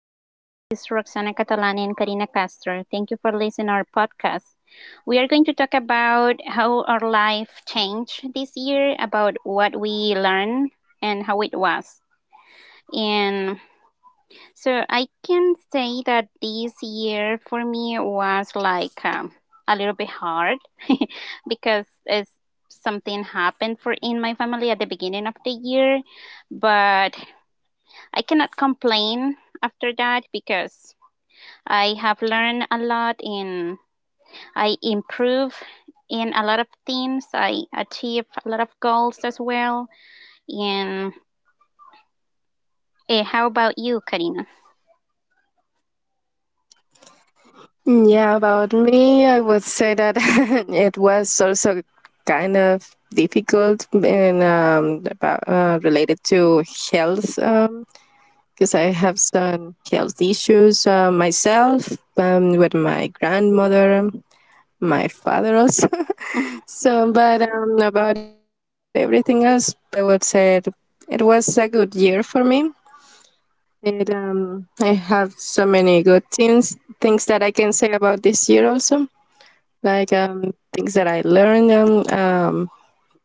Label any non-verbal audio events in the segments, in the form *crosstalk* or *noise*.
afternoon. This is Roxana Catalan and Karina Castro. Thank you for listening our podcast. We are going to talk about how our life changed this year, about what we learned and how it was. And so I can say that this year for me was like a little bit hard *laughs* because it's something happened for in my family at the beginning of the year, but I cannot complain after that because I have learned a lot and I improve in a lot of things. I achieve a lot of goals as well. And how about you, Karina? Yeah, about me, I would say that *laughs* it was also kind of difficult and about related to health because I have some health issues myself, with my grandmother, my father also. *laughs* So, but about everything else, probably I would say it was a good year for me. I have so many good things that I can say about this year also, like things that I learned,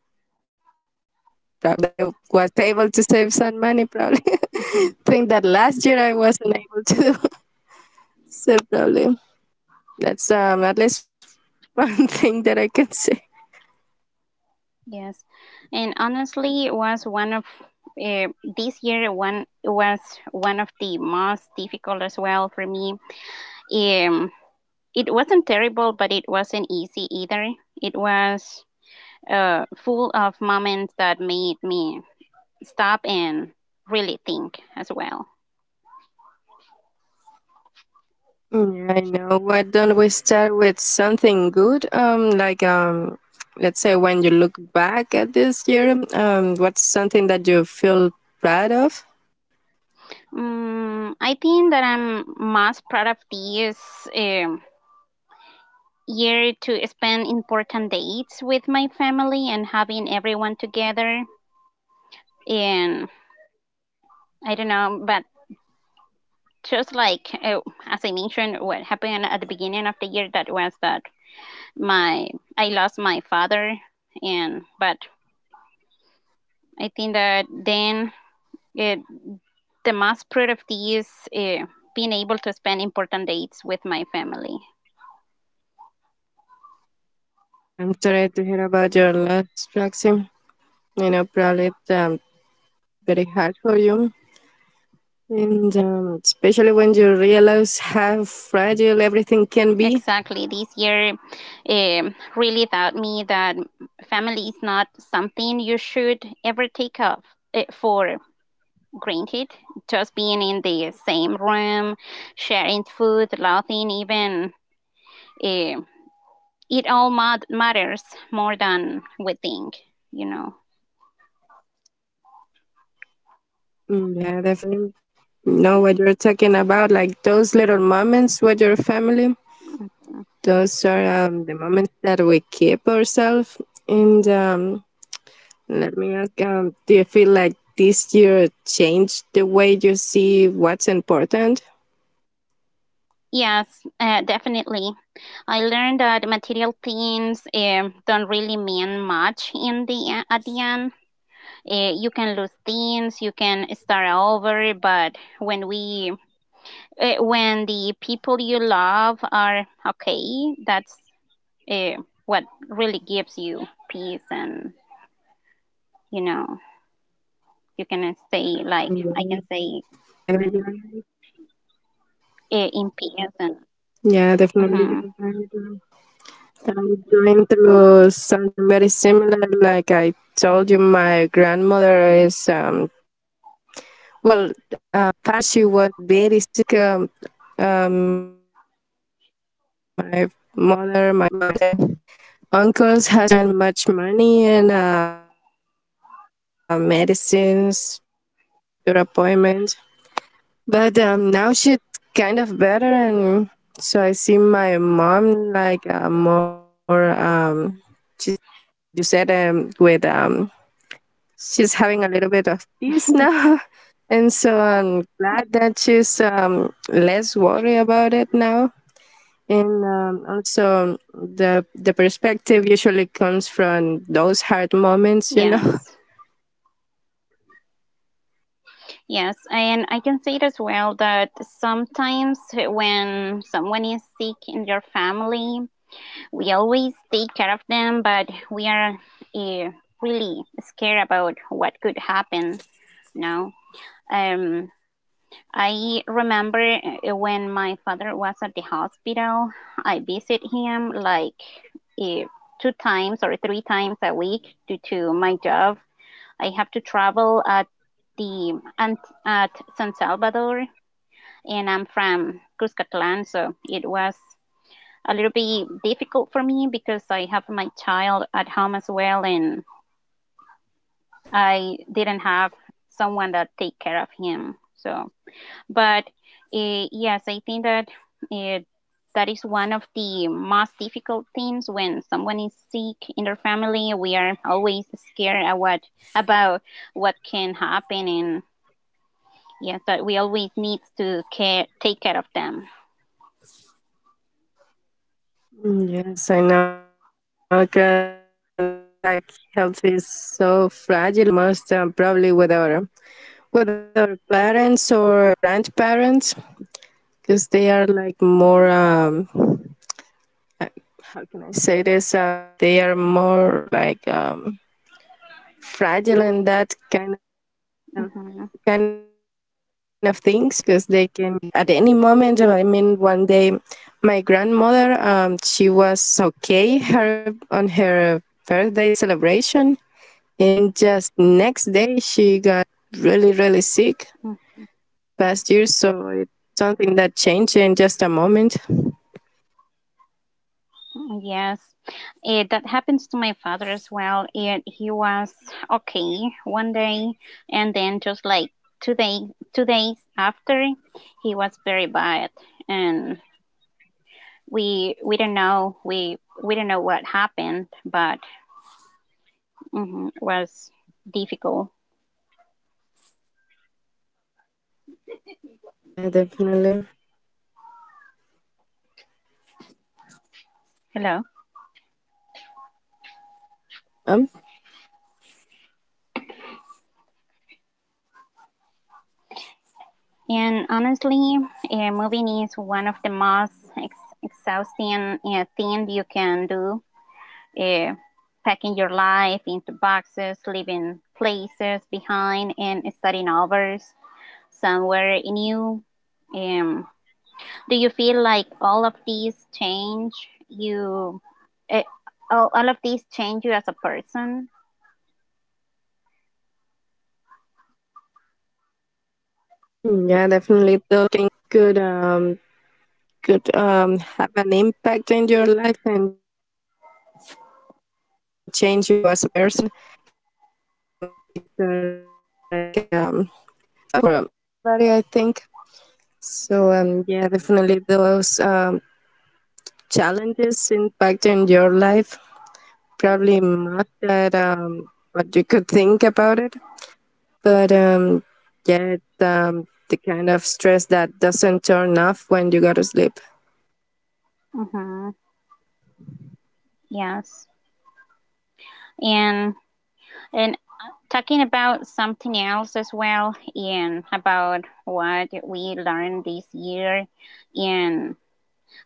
probably that I was able to save some money, probably. *laughs* Thing that last year I wasn't able to *laughs* save, probably. That's at least one *laughs* thing that I can say. *laughs* Yes, and honestly, it was one of the most difficult as well for me. Um, it wasn't terrible, but it wasn't easy either. It was full of moments that made me stop and really think as well. Mm, I know. Why don't we start with something good? Like let's say when you look back at this year, what's something that you feel proud of? I think that I'm most proud of this year to spend important dates with my family and having everyone together. And I don't know, but just like as I mentioned, what happened at the beginning of the year, that was that my I lost my father, and but I think that then it the most proud of this is being able to spend important dates with my family. I'm sorry to hear about your last Roxy. You know, probably very hard for you. And especially when you realize how fragile everything can be. Exactly. This year really taught me that family is not something you should ever take off for granted. Just being in the same room, sharing food, laughing, even uh, it all matters more than we think, you know. Mm, yeah, definitely. I know what you're talking about. Like those little moments with your family, those are the moments that we keep ourselves. And let me ask, do you feel like this year changed the way you see what's important? Yes, definitely. I learned that material things don't really mean much in at the end. You can lose things, you can start over, but when the people you love are okay, that's eh, what really gives you peace, and you know you can Mm, stay yeah, like I can yeah, say definitely. Yeah, in peace. And yeah, definitely. mhm, I'm going through something very similar. Like I told you, my grandmother is well. Past year she was very sick. My mother, my aunts and uncles had to spend much money in medicines, examinations, doctor appointments. But now she's kind of better, and so I see my mom like more. She's like you said, with she's having a little bit of peace now, *laughs* and so I'm glad that she's less worried about it now. And also, the perspective usually comes from those hard moments, you know. yes. Yes, and I can say it as well that sometimes when someone is sick in your family, we always take care of them, but we are uh, really scared about what could happen. No, um, I remember when my father was at the hospital, I visit him like uh, two times or three times a week. Due to my job, I have to travel the at San Salvador, and I'm from Cuscatlan, so it was a little bit difficult for me because I have my child at home as well, and I didn't have someone that take care of him. So, but yes, I think that uh that is one of the most difficult things when someone is sick in their family. We are always scared of about what can happen. And yes, but we always need to take care of them. Mm, yes, I know, because it's like health is so fragile, and most probably with our parents or grandparents, because they are like more. How can I say this? They are more like fragile in that kind of things Hmm. because they can get sick at any moment. I mean, one day my grandmother, she was okay her on her birthday celebration. And just next day, she got really, really sick past year. So it's something that changed in just a moment. Yes. That happens to my father as well. And he was okay one day, and then just like 2 days, 2 days after, he was very bad, and we don't know we don't know what happened, but mhm, it was difficult. Yeah, definitely. Hello. Um, And honestly, moving is one of the most exhausting thing you can do. Uh, packing your life into boxes, leaving places behind, and starting over somewhere new. Um, do you feel like all of these change you, uh, all of these change you as a person? yeah, definitely. Those kind of things could um could have an impact in your life and change you as a person. Because these are like very tough moments. I would say for anybody, I think. So yeah, definitely those challenges impacting your life, probably not that what you could think about it, but yeah, the kind of stress that doesn't turn off when you go to sleep. Mm-hmm. Yes. And and talking about something else as well, and about what we learned this year, and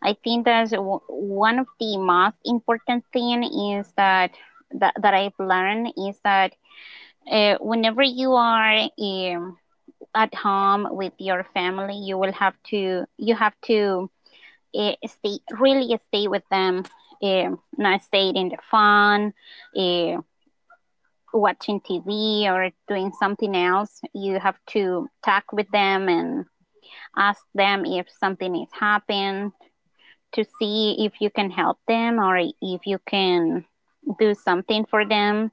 I think that one of the most important thing is that I've learned is that whenever you are at home with your family, you have to stay, really stay with them, not stay in the phone uh, watching TV or doing something else. You have to talk with them and ask them if something is happening to see if you can help them, or if you can do something for them,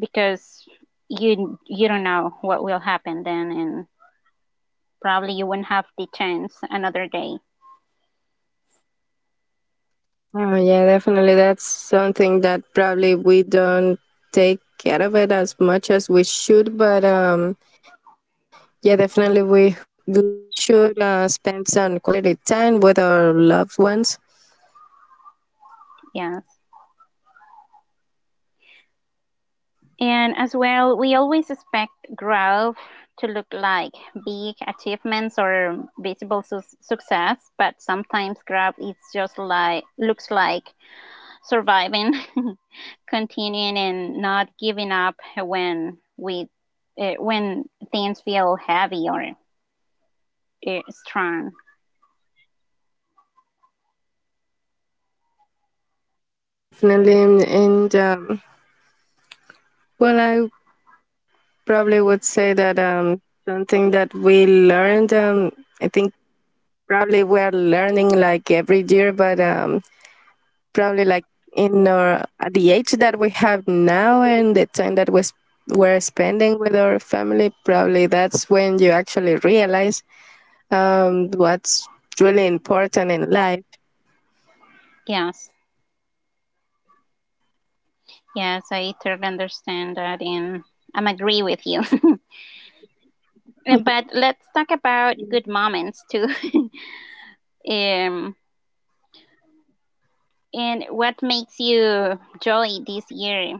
because you don't know what will happen then, and probably you won't have the chance another day. Oh yeah, definitely. That's something that probably we don't take care of it as much as we should. But yeah, definitely we should spend some quality time with our loved ones. Yes. And as well, we always expect growth to look like big achievements or visible success, but sometimes growth is just like looks like surviving, *laughs* continuing, and not giving up when things feel heavy or strong. Yeah, definitely. And well, I probably would say that something that we learned. I think probably we are learning like every year, but probably like in our at the age that we have now and the time that we're spending with our family, probably that's when you actually realize what's really important in life. Yes, yes, I totally understand that, and I'm agree with you. *laughs* But let's talk about good moments too. *laughs* um And what makes you jolly this year?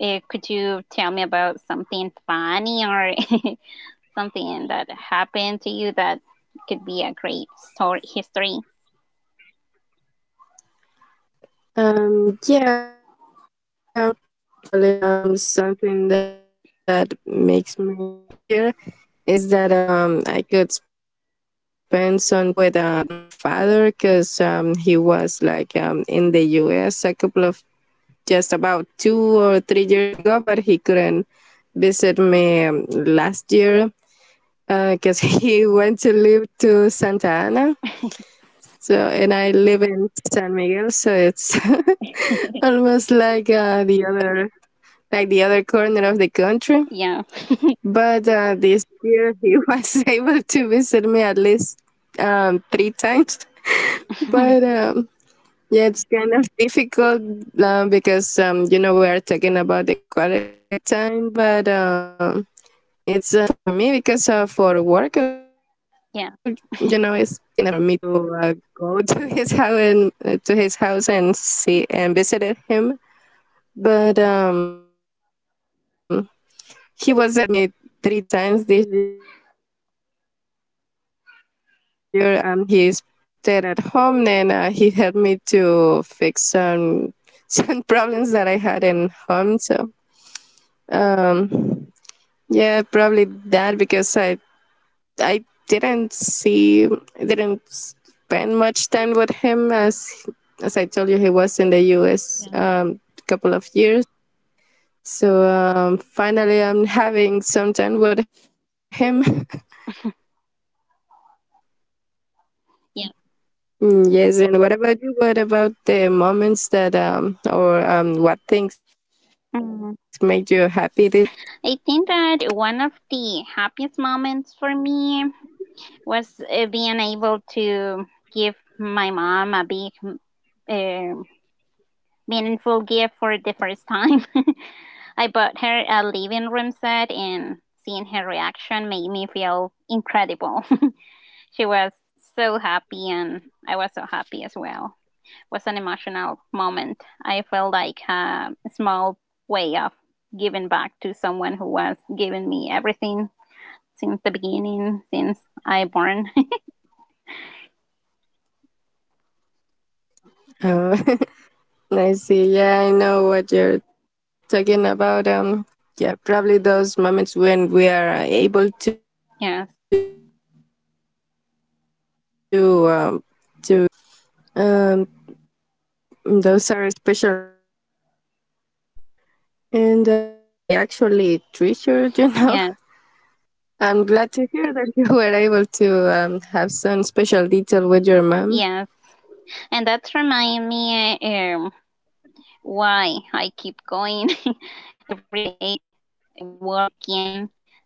Could you tell me about something funny or *laughs* something that happened to you that could be a great story history? Um, yeah, um, Probably something that makes me happy *laughs* this year is that I could spend some time with my father because he was like in the U.S. a couple of just about 2 or 3 years ago, but he couldn't visit me last year because *laughs* he went to live to Santa Ana. So and I live in San Miguel, so it's *laughs* almost like the other like the other corner of the country. Yeah, But this year he *laughs* was able to visit me at least three times. *laughs* But yeah, it's kind of difficult because you know we are talking about the quality time, but it's for me because for work, you know, it's yeah, kind of difficult for me to go *laughs* to his house and see and visit him. But he was *laughs* able to at least visit me 3 times this year. He spent with me last weekend. We stayed at home, and he helped me to fix some *laughs* some problems that I had in home. So, um, yeah, probably that because I didn't spend much time with him as I told you he was in the U.S. A couple of years. So finally, I'm having some time with him. yeah. Mm, yes, and what about you? What about the moments that or what things made you happy this Mhm. year? *laughs* I think that one of the happiest moments for me was being able to give my mom a big, uh, meaningful gift for the first time. *laughs* I bought her a living room set, and seeing her reaction made me feel incredible. *laughs* She was so happy, and I was so happy as well. It was an emotional moment. I felt like a small way of giving back to someone who was giving me everything since the beginning, since I born. Uh, *laughs* I see. Yeah, I know what you're talking about. Yeah, probably those moments when we are able to *laughs* Yes, give some gifts to our family members. Um, those are special moments. And those are the moments that we actually treasure, you know. yes, *laughs* I'm glad to hear that you *laughs* were able to have some special detail with your mom. yes. And that reminds me why I keep going *laughs* every day, working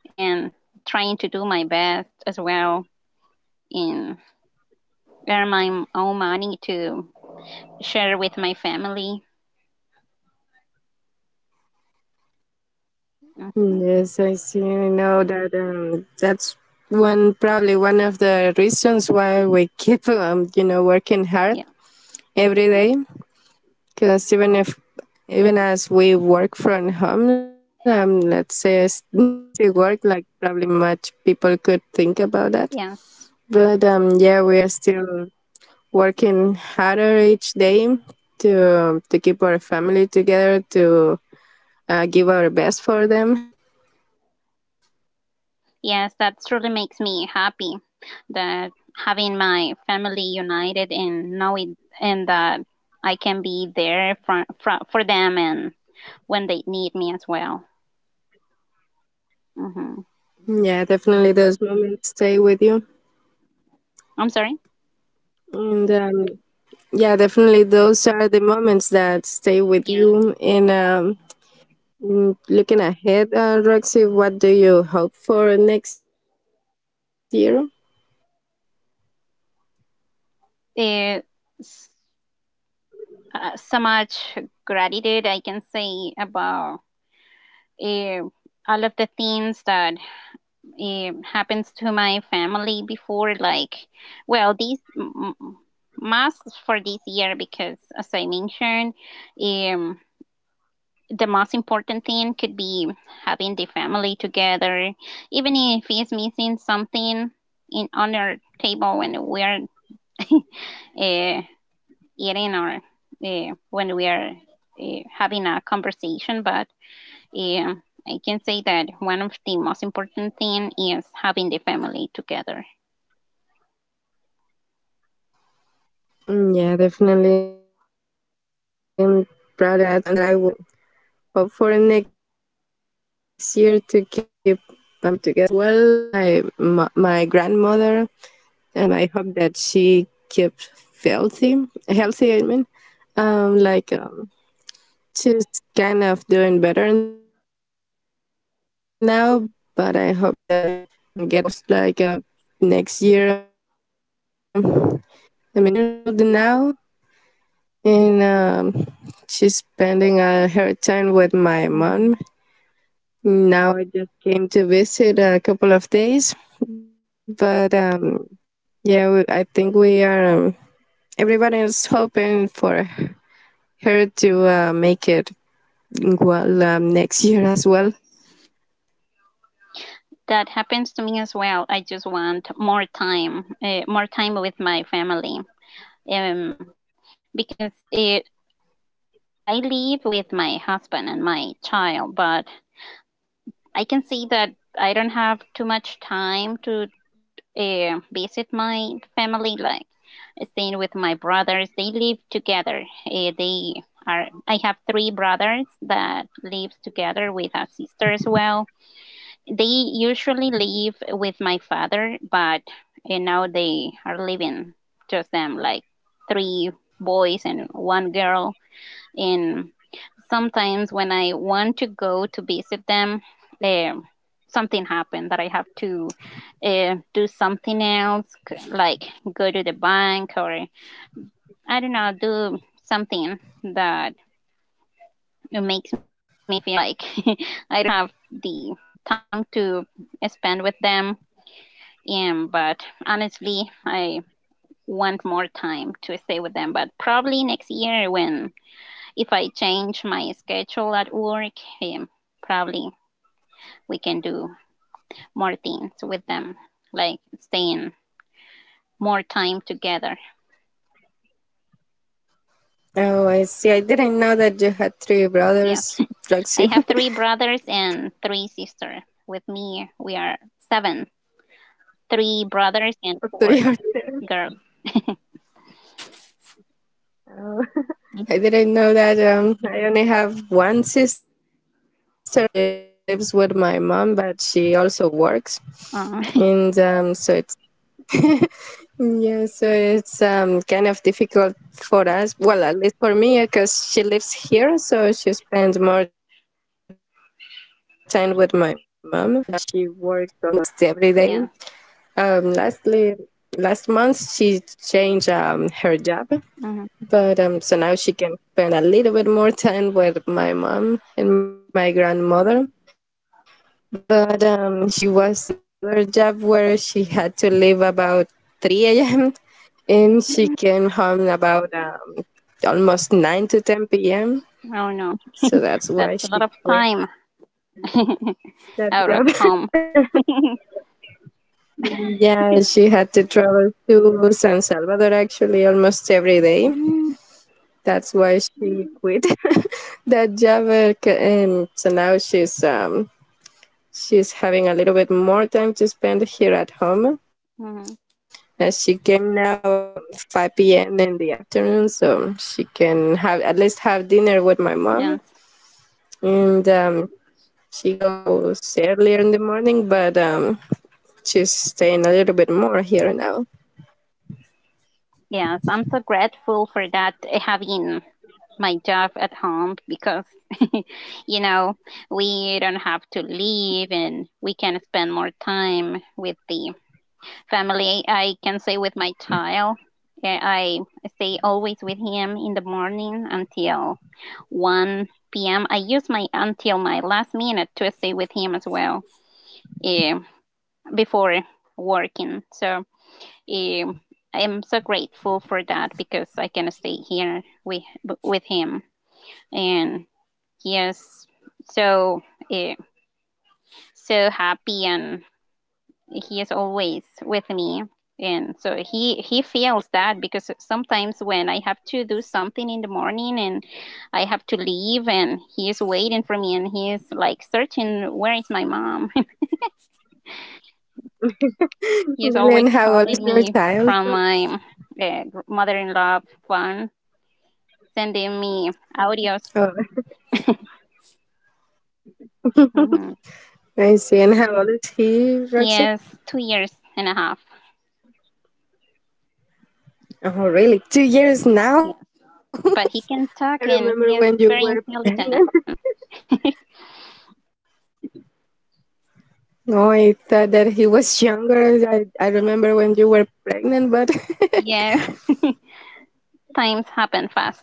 and trying to do my best as well, and earn my own money to share with my family. Hmm. Yes, I see. I know that that's one probably one of the reasons why we keep you know working hard Yeah, every day. Because even if even as we work from home, let's say it's *laughs* not an easy work like probably much people could think about that. yes, But yeah, we are still working harder each day to keep our family together, to give our best for them. yes, that truly makes me happy, that having my family united and knowing, and that I can be there for for them and when they need me as well. Hmm. Yeah, definitely those moments stay with you, I'm sorry. and yeah, definitely those are the moments that stay with you. And looking ahead, Roxy, what do you hope for next year? Yes. Uh, so much gratitude I can say about uh, all of the things that happens to my family before. Like, well, these most for this year because, as I mentioned, um, the most important thing could be having the family together, even if it's missing something in on our table when we're *laughs* uh, eating or when we are having a conversation, but uh, I can say that one of the most important thing is having the family together. Mm, yeah, definitely. Probably that's something that I would hope for next year, to keep my family together as well, my grandmother. I hope that she keeps healthy. I mean, like she's kind of doing better now, but I hope that she doesn't get worse. Like next year, I mean, she's 80 years old now, and she's spending her time with my mom. Mhm. Now I just came to visit a couple of days, but yeah, we, I think we are. Um, Everybody is hoping for her to make it well next year as well. That happens to me as well. I just want more time with my family, um, because I live with my husband and my child, but I can see that I don't have too much time to visit my family, like staying with my brothers. They live together. They are. I have three brothers that lives together with a sister as well. They usually live with my father, but now they are living just them, like three boys and one girl, and sometimes when I want to go to visit them, eh, something happened that I have to do something else, like go to the bank, or I don't know, do something that it makes me feel like *laughs* I don't have the time to spend with them. But honestly, I want more time to stay with them. But probably next year, when if I change my schedule at work, um, probably we can do more things with them, like staying more time together. Oh, I see. I didn't know that you had three Yeah, brothers, Roxy. I have *laughs* three brothers and three sisters. With me, we are seven, three brothers and four Three or- girls. I Mhm. didn't know that. I only have one sister. She still lives with my mom, but she also works, Uh, and *laughs* so it's yeah, so it's kind of difficult for us. Well, at least for me, because she lives here, so she spends more time with my mom. But she works almost every day. yeah. Lastly, last month she changed her job, Mhm. but so now she can spend a little bit more time with my mom and my grandmother. But she was in another job where she had to leave about 3 a.m. And Mhm. she came home about almost 9 to 10 p.m. Oh no, So that's why that's a she lot of quit time that job. *laughs* out of *laughs* home. *laughs* Yeah, she had to travel to San Salvador actually almost every day. Mhm. That's why she quit *laughs* that job. And so now she's having a little bit more time to spend here at home. Mhm. And she came now about 5 p.m. in the afternoon, so she can have at least have dinner with my mom Yes. and she goes earlier in the morning, but she's staying a little bit more here now. Yes, I'm so grateful for that, having my job at home because *laughs* you know we don't have to leave, and we can spend more time with the family. I can say, with my child. Yeah, I stay always with him in the morning until 1 p.m. I use my until my last minute to stay with him as well, eh, before working, so eh, I'm so grateful for that because I can stay here with, with him. And yes, so uh, so happy, and he is always with me. And so he feels that because sometimes when I have to do something in the morning and I have to leave, and he is waiting for me, and he is like searching where is my mom. *laughs* He is *laughs* always Then how old is calling your me child? from my mother-in-law phone, sending me audios. Oh, hmm I see. And how old is he, He Roxy? is 2 years and a half. Oh, really? 2 years now? Yeah. *laughs* But he can I talk and remember he when is you very were pregnant. intelligent. *laughs* *laughs* Oh, I thought that he was younger. I Yes, remember when you were pregnant, but *laughs* yes. Times happen fast.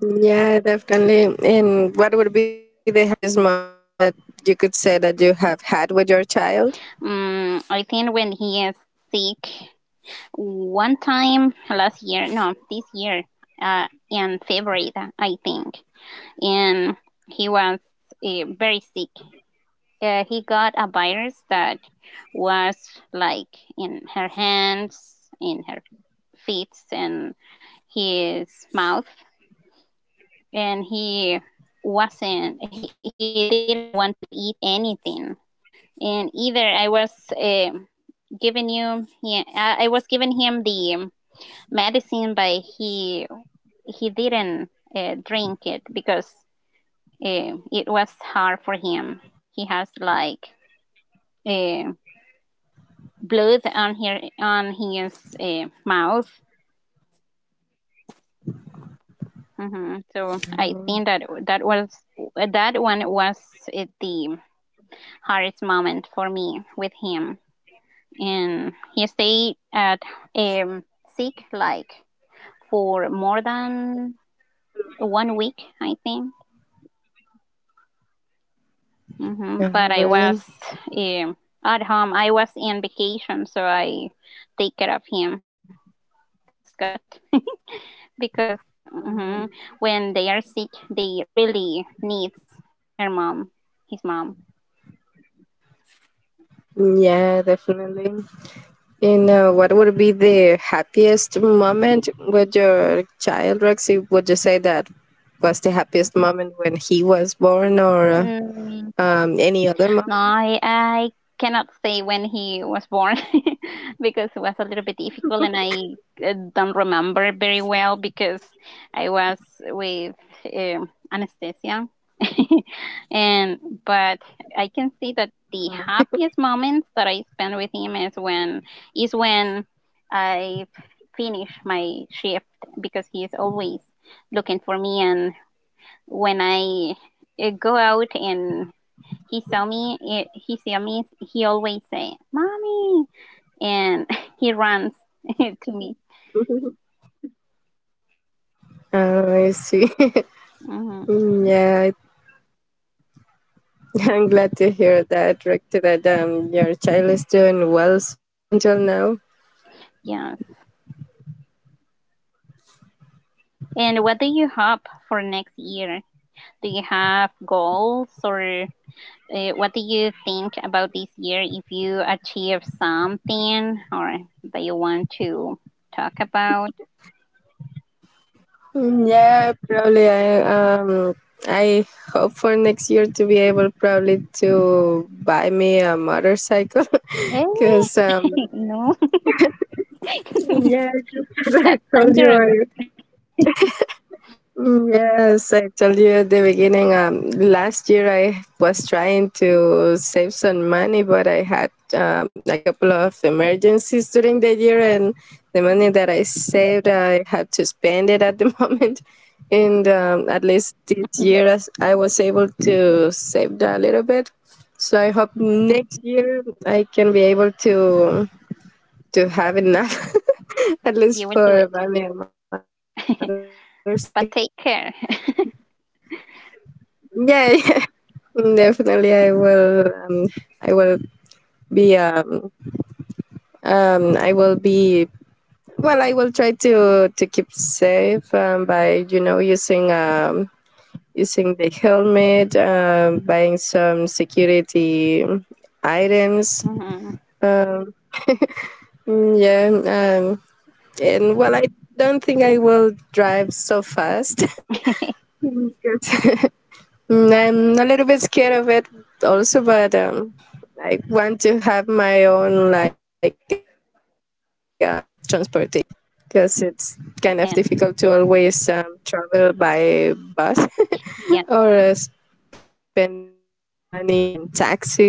yeah, definitely. And what would be the happiest moment that you could say that you have had with your child? I think when he is sick, one time last year, no, this year, uh, in February, I think, and he was very sick. He got a virus that was like in her hands, in her feet, and his mouth, and he wasn't he didn't want to eat anything, and either uh, I was giving him the medicine, but he didn't drink it because it was hard for him. He has like uh, blood on her on his mouth. So I think Oh, that that was that one was the hardest moment for me with him. And he stayed at um, sick like for more than 1 week, I think. But I was really? um, at home. I was in vacation, so I take care of him. Thanks God, because, mhm, when they are sick, they really needs her mom, his mom. Yeah, definitely. And what would be the happiest moment with your child, Rexy? Would you say that was the happiest moment when he was born, or Mm, any other no, moment? I cannot say when he was born *laughs* because it was a little bit difficult, and I don't remember very well because I was with anesthesia. *laughs* And but I can see that the happiest moments that I spend with him is when I finish my shift, because he is always looking for me, and when I go out and he saw me, he always say, "Mommy," and he runs *laughs* to me. Oh, I see. Hmm. *laughs* Yeah, I'm glad to hear that, Rexy, that your child is doing well so, until now. Yes. And what do you hope for next year? Do you have goals, or what do you think about this year? If you achieve something or that you want to talk about? Mm, yeah, probably. Um, I hope for next year to be able probably to buy me a motorcycle, *laughs* Hey, because, *laughs* no, yeah, *laughs* 'cause *laughs* I that's told you dangerous. I yes, I told you at the beginning. Last year I was trying to save some money, but I had a couple of emergencies during the year, and the money that I saved, I had to spend it at the *laughs* moment. And at least this year, as I was able to save a little bit. So I hope next year I can be able to have enough, *laughs* at You least will do for it, buy me a motorcycle. *laughs* but take care. *laughs* *laughs* Yeah. *laughs* Definitely, I will. I will be. I will be. Well, I will try to keep safe, by using the helmet, buying some security items. Mhm. Um, yeah. And well, I don't think I will drive so fast. *laughs* *laughs* Because I'm a little bit scared of it also, but I want to have my own, like, transportation, because it's kind of Yeah, difficult to always travel by bus yeah. *laughs* or spending money on taxis,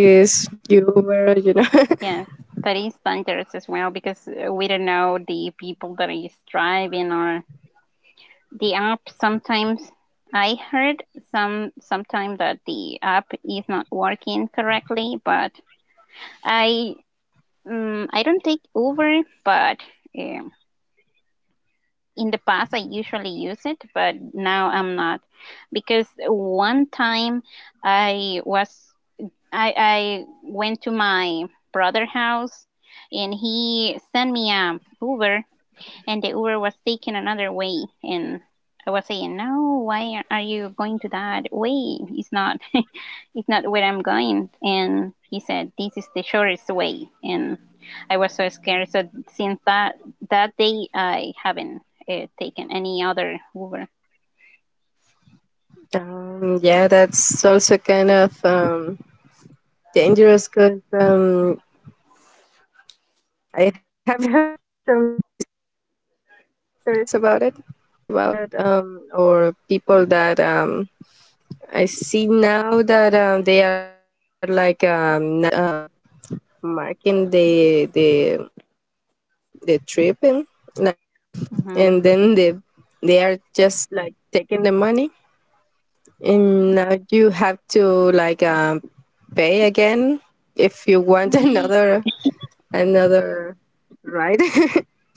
Uber. Yes, that is dangerous as well, because we don't know the people that is driving or the app. Sometimes I heard sometime that the app is not working correctly, but I I don't take Uber, but um, in the past I usually use it, but now I'm not, because one time I was I went to my brother's house and he sent me a Uber, and the Uber was taking another way, and I was saying, "No, why are you going to that way? It's not where I'm going." And he said, "This is the shortest way," and I was so scared. So since that day I haven't taken any other Uber. *laughs* Yeah, that's also kind of dangerous, because I have *laughs* heard some histories about it, some stories about that, or people that I see now that they are like, not marking the trip and like paid, and Hmm. then they are just like taking the money, and now you have to, like, pay again if you want *laughs* another ride.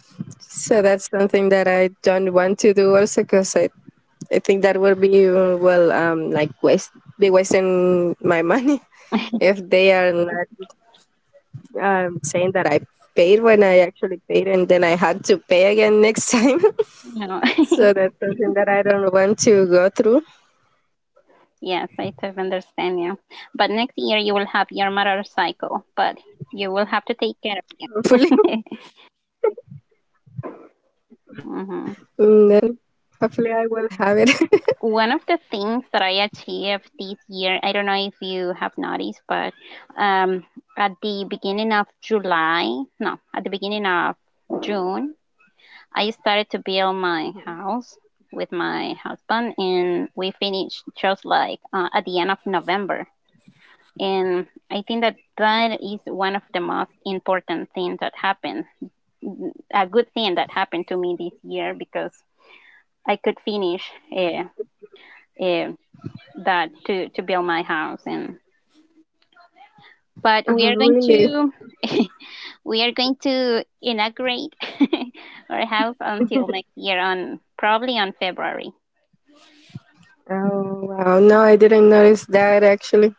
*laughs* So that's something that I don't want to do also, because I think that would be, well, like, waste be wasting my money *laughs* if they are not saying that I paid when I actually paid, and then I had to pay again next time. No. *laughs* So *laughs* that's something that I don't want to go through. Yes, I totally understand you. But next year you will have your motorcycle, but you will have to take care of Hopefully. it. *laughs* Yeah. *laughs* Hmm Definitely. Hopefully, I will have it. One of the things that I achieved this year, I don't know if you have noticed, but um, at the beginning of July, no, at the beginning of June, I started to build my house with my husband, and we finished just like at the end of November. And I think that that is one of the most important things that happened, a good thing that happened to me this year, because I could finish uh, uh, to build my house, and but *laughs* Oh, we are going really? to *laughs* we are going to inaugurate *laughs* our house until next year, on probably on February. Oh, wow. No, I didn't notice that actually,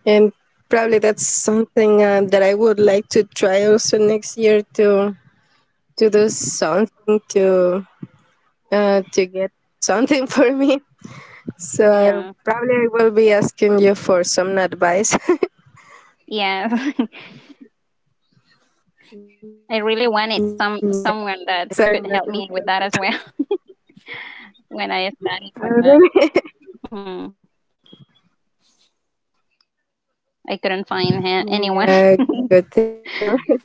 and probably that's something, that I would like to try also next year too, to do something to get something *laughs* for me. So Yeah, probably I will be asking you for some advice. *laughs* yeah. *laughs* I really Yes, wanted because some I've been someone that looking for could help it. me with that as well *laughs* when I started, but Really? hmm I couldn't find *laughs* anyone. Yeah, good thing to know. *laughs*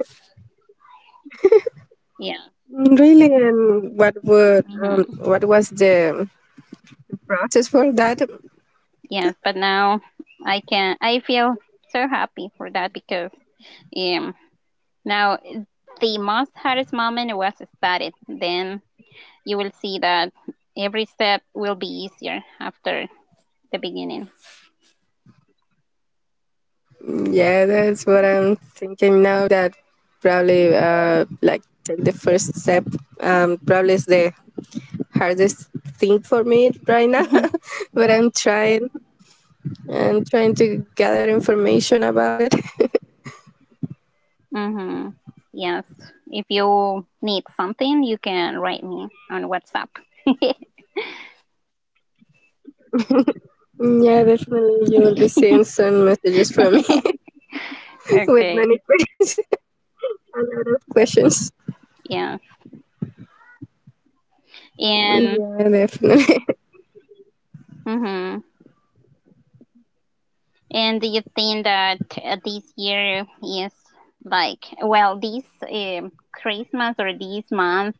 *laughs* Yeah. Really? And Hmm. what was the process for that? Yes, but now I can. I feel so happy for that because um, now the most hardest moment was started. Then you will see that every step will be easier after the beginning. Yeah, that's what I'm thinking now. That probably, like, take the first step. Probably is the hardest thing for me right now, *laughs* *laughs* but I'm trying. I'm trying to gather information about it. Hmm. Yes. If you need something, you can write me on WhatsApp. *laughs* Yeah, definitely, you will be seeing some messages from me *laughs* with Okay. many questions. *laughs* Questions. Yeah. And. Yeah, definitely. Mhm. And do you think that this year is like, well, this Christmas or this month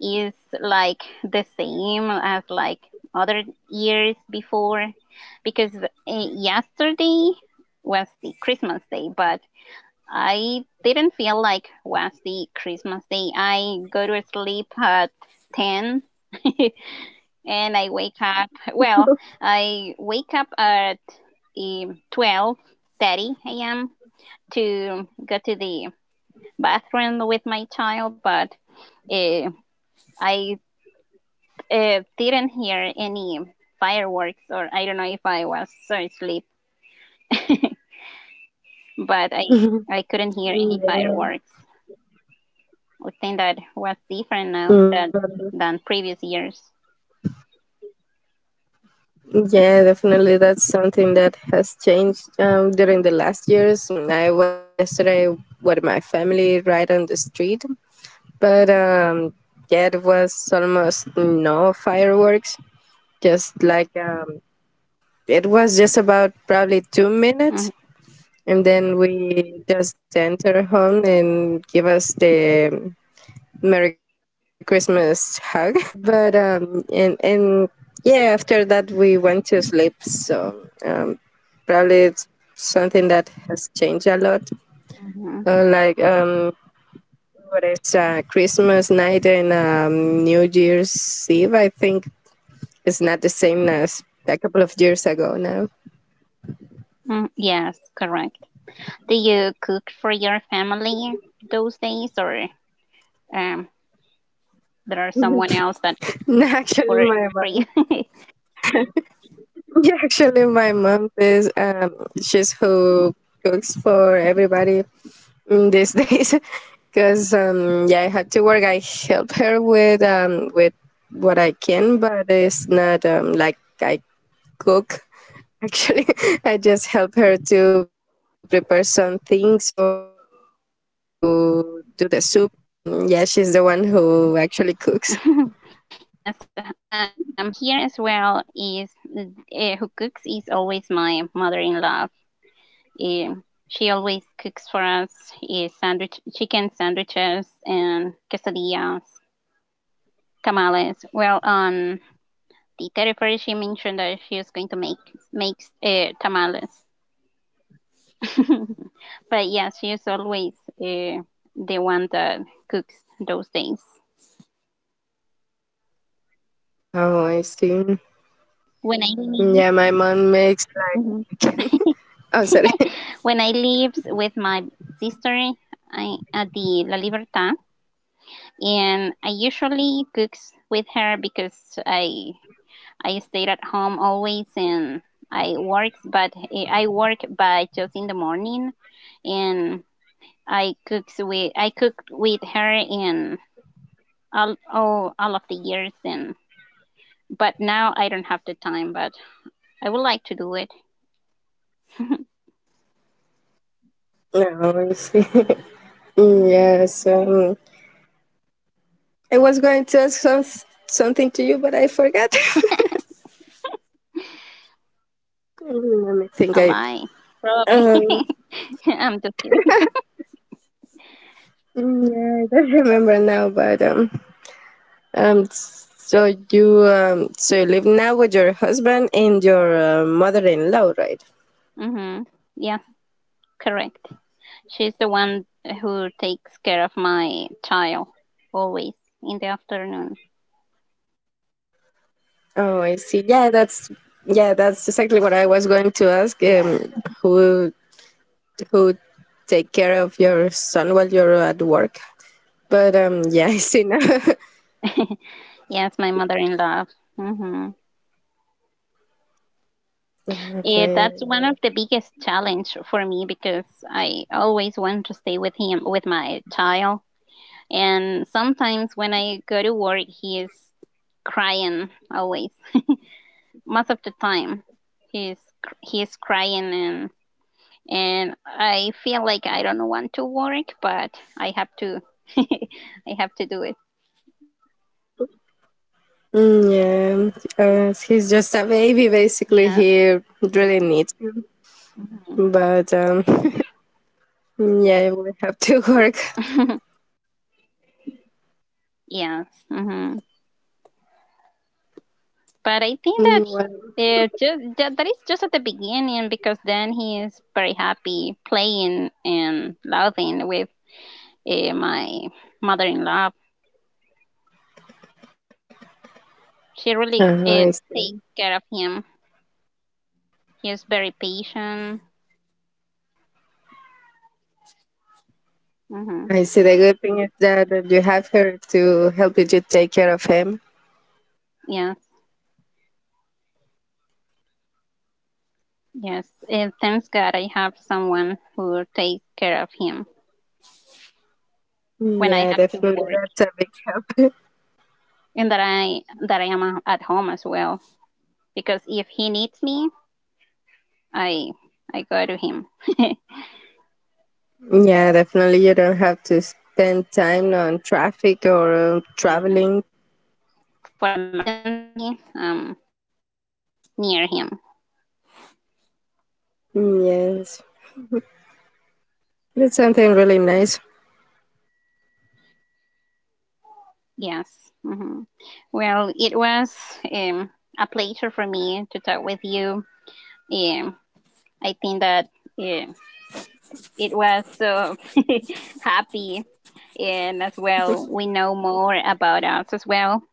is like the same as like other years before? Because yesterday was the Christmas day, but I didn't feel like was the Christmas day. I go to sleep at 10 *laughs* and I wake up. Well, I wake up at 12:30 a.m. to go to the bathroom with my child, but uh, I didn't hear any fireworks, or I don't know if I was so asleep, *laughs* but I *laughs* couldn't hear any Yeah. fireworks. I think that was different now than Yeah, than previous years. yeah, definitely. That's something that has changed, during the last years. I was yesterday with my family right on the street, but, yeah, it was almost no fireworks. Just like, it was just about probably two Hmm. minutes, and then we just enter home and give us the Merry Christmas hug. *laughs* But, and yeah, after that we went to sleep. So, probably it's something that has changed a lot. Uh, like um, But it's, Christmas night and, New Year's Eve. I think it's not the same as a couple of years ago now. Hmm. Yes, correct. Do you cook for your family those days, or um, there are someone else that cooks *laughs* Actually, for my for mom. you? *laughs* Actually, my mom is, she's who cooks for everybody in these *laughs* days. Because, yeah, I have to work. I help her with what I can, but it's not, like, I cook. Actually, *laughs* I just help her to prepare some things or to do the super. But, yeah, she's the one who actually cooks. *laughs* Yes, that here as well is who cooks is always my mother-in-law. She always cooks for us sandwich, chicken sandwiches, and quesadillas, tamales. Well, on the 31st, she mentioned that she was going to make makes tamales. *laughs* But yeah, she's always uh, the one that cooks those things. Oh, I see. When I leave, Yeah, my mom makes. mhm, Oh, sorry. *laughs* when I live with my sister, at the La Libertad, and I usually cooks with her, because I stayed at home always and I work, but I work but just in the morning, and I cooked with her in all of the years, and but now I don't have the time. But I would like to do it. No, I see. *laughs* Yes. I was going to ask something to you, but I forgot. *laughs* Let me think. A I. lie, probably. Um, *laughs* I'm just kidding. yeah, I don't remember now, but, so you live now with your husband and your, mother-in-law, right? Hmm. Yes, correct. She's the one who takes care of my child always in the afternoon. Oh, I see. Yeah, that's exactly what I was going to ask. Who who take care of your son while you're at work? But, *laughs* yeah, I see now. *laughs* Yes, my mother-in-law. Mm-hmm. *laughs* Yeah, that's one of the Okay. biggest challenge for me, because I always want to stay with him, with my child, and sometimes when I go to work, he is crying always. Most of the time he's he's crying, and I feel like I don't want to work, but I have to *laughs* I have to do it. Yeah, he's just a baby. Basically, Yes. he really needs, Mhm. but, *laughs* yeah, we have to *laughs* work. *laughs* Yes. But I think that Well, that is just at the beginning, because then he is very happy playing and loving with my mother-in-law. She really I take see. care of him. He is very patient. Hmm. I see. The good thing is that you have her to help you to take care of him. Yeah. Yes, and thanks God I have someone who takes care of him when I Yeah, have to definitely. work, That's a big help. and that I am at home as well. Because if he needs me, I I go to him. *laughs* *laughs* Yeah, definitely. You don't have to spend time on traffic or, Yeah, traveling. for an emergency, near him. Yes, that's something really nice. Yes. Well, it was um, a pleasure for me to talk with you. Um, I think that uh, it was so *laughs* happy, and as well, we know more about us as well.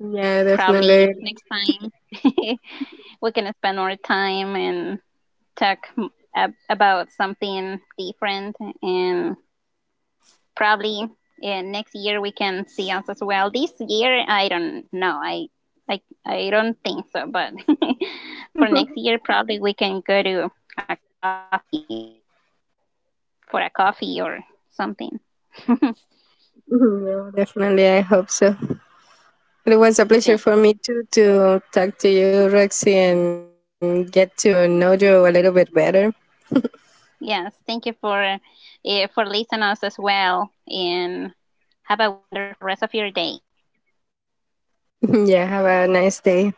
Yeah, Probably definitely. *laughs* next time *laughs* we can spend more time and talk about something different, and probably, yeah, next year we can see us as well. This year I don't know, I don't think so, but *laughs* for next year probably we can go to a coffee for a coffee or something. *laughs* Yeah, definitely. I hope so. It was a Okay. pleasure for me too to talk to you, Roxy, and get to know you a little bit better. Yes, thank you for listening us as well, and have a wonderful rest of your day. *laughs* Yeah, have a nice day.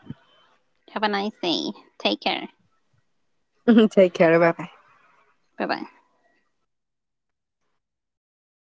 Have a nice day. Take care. *laughs* Take care. Bye bye. Bye bye.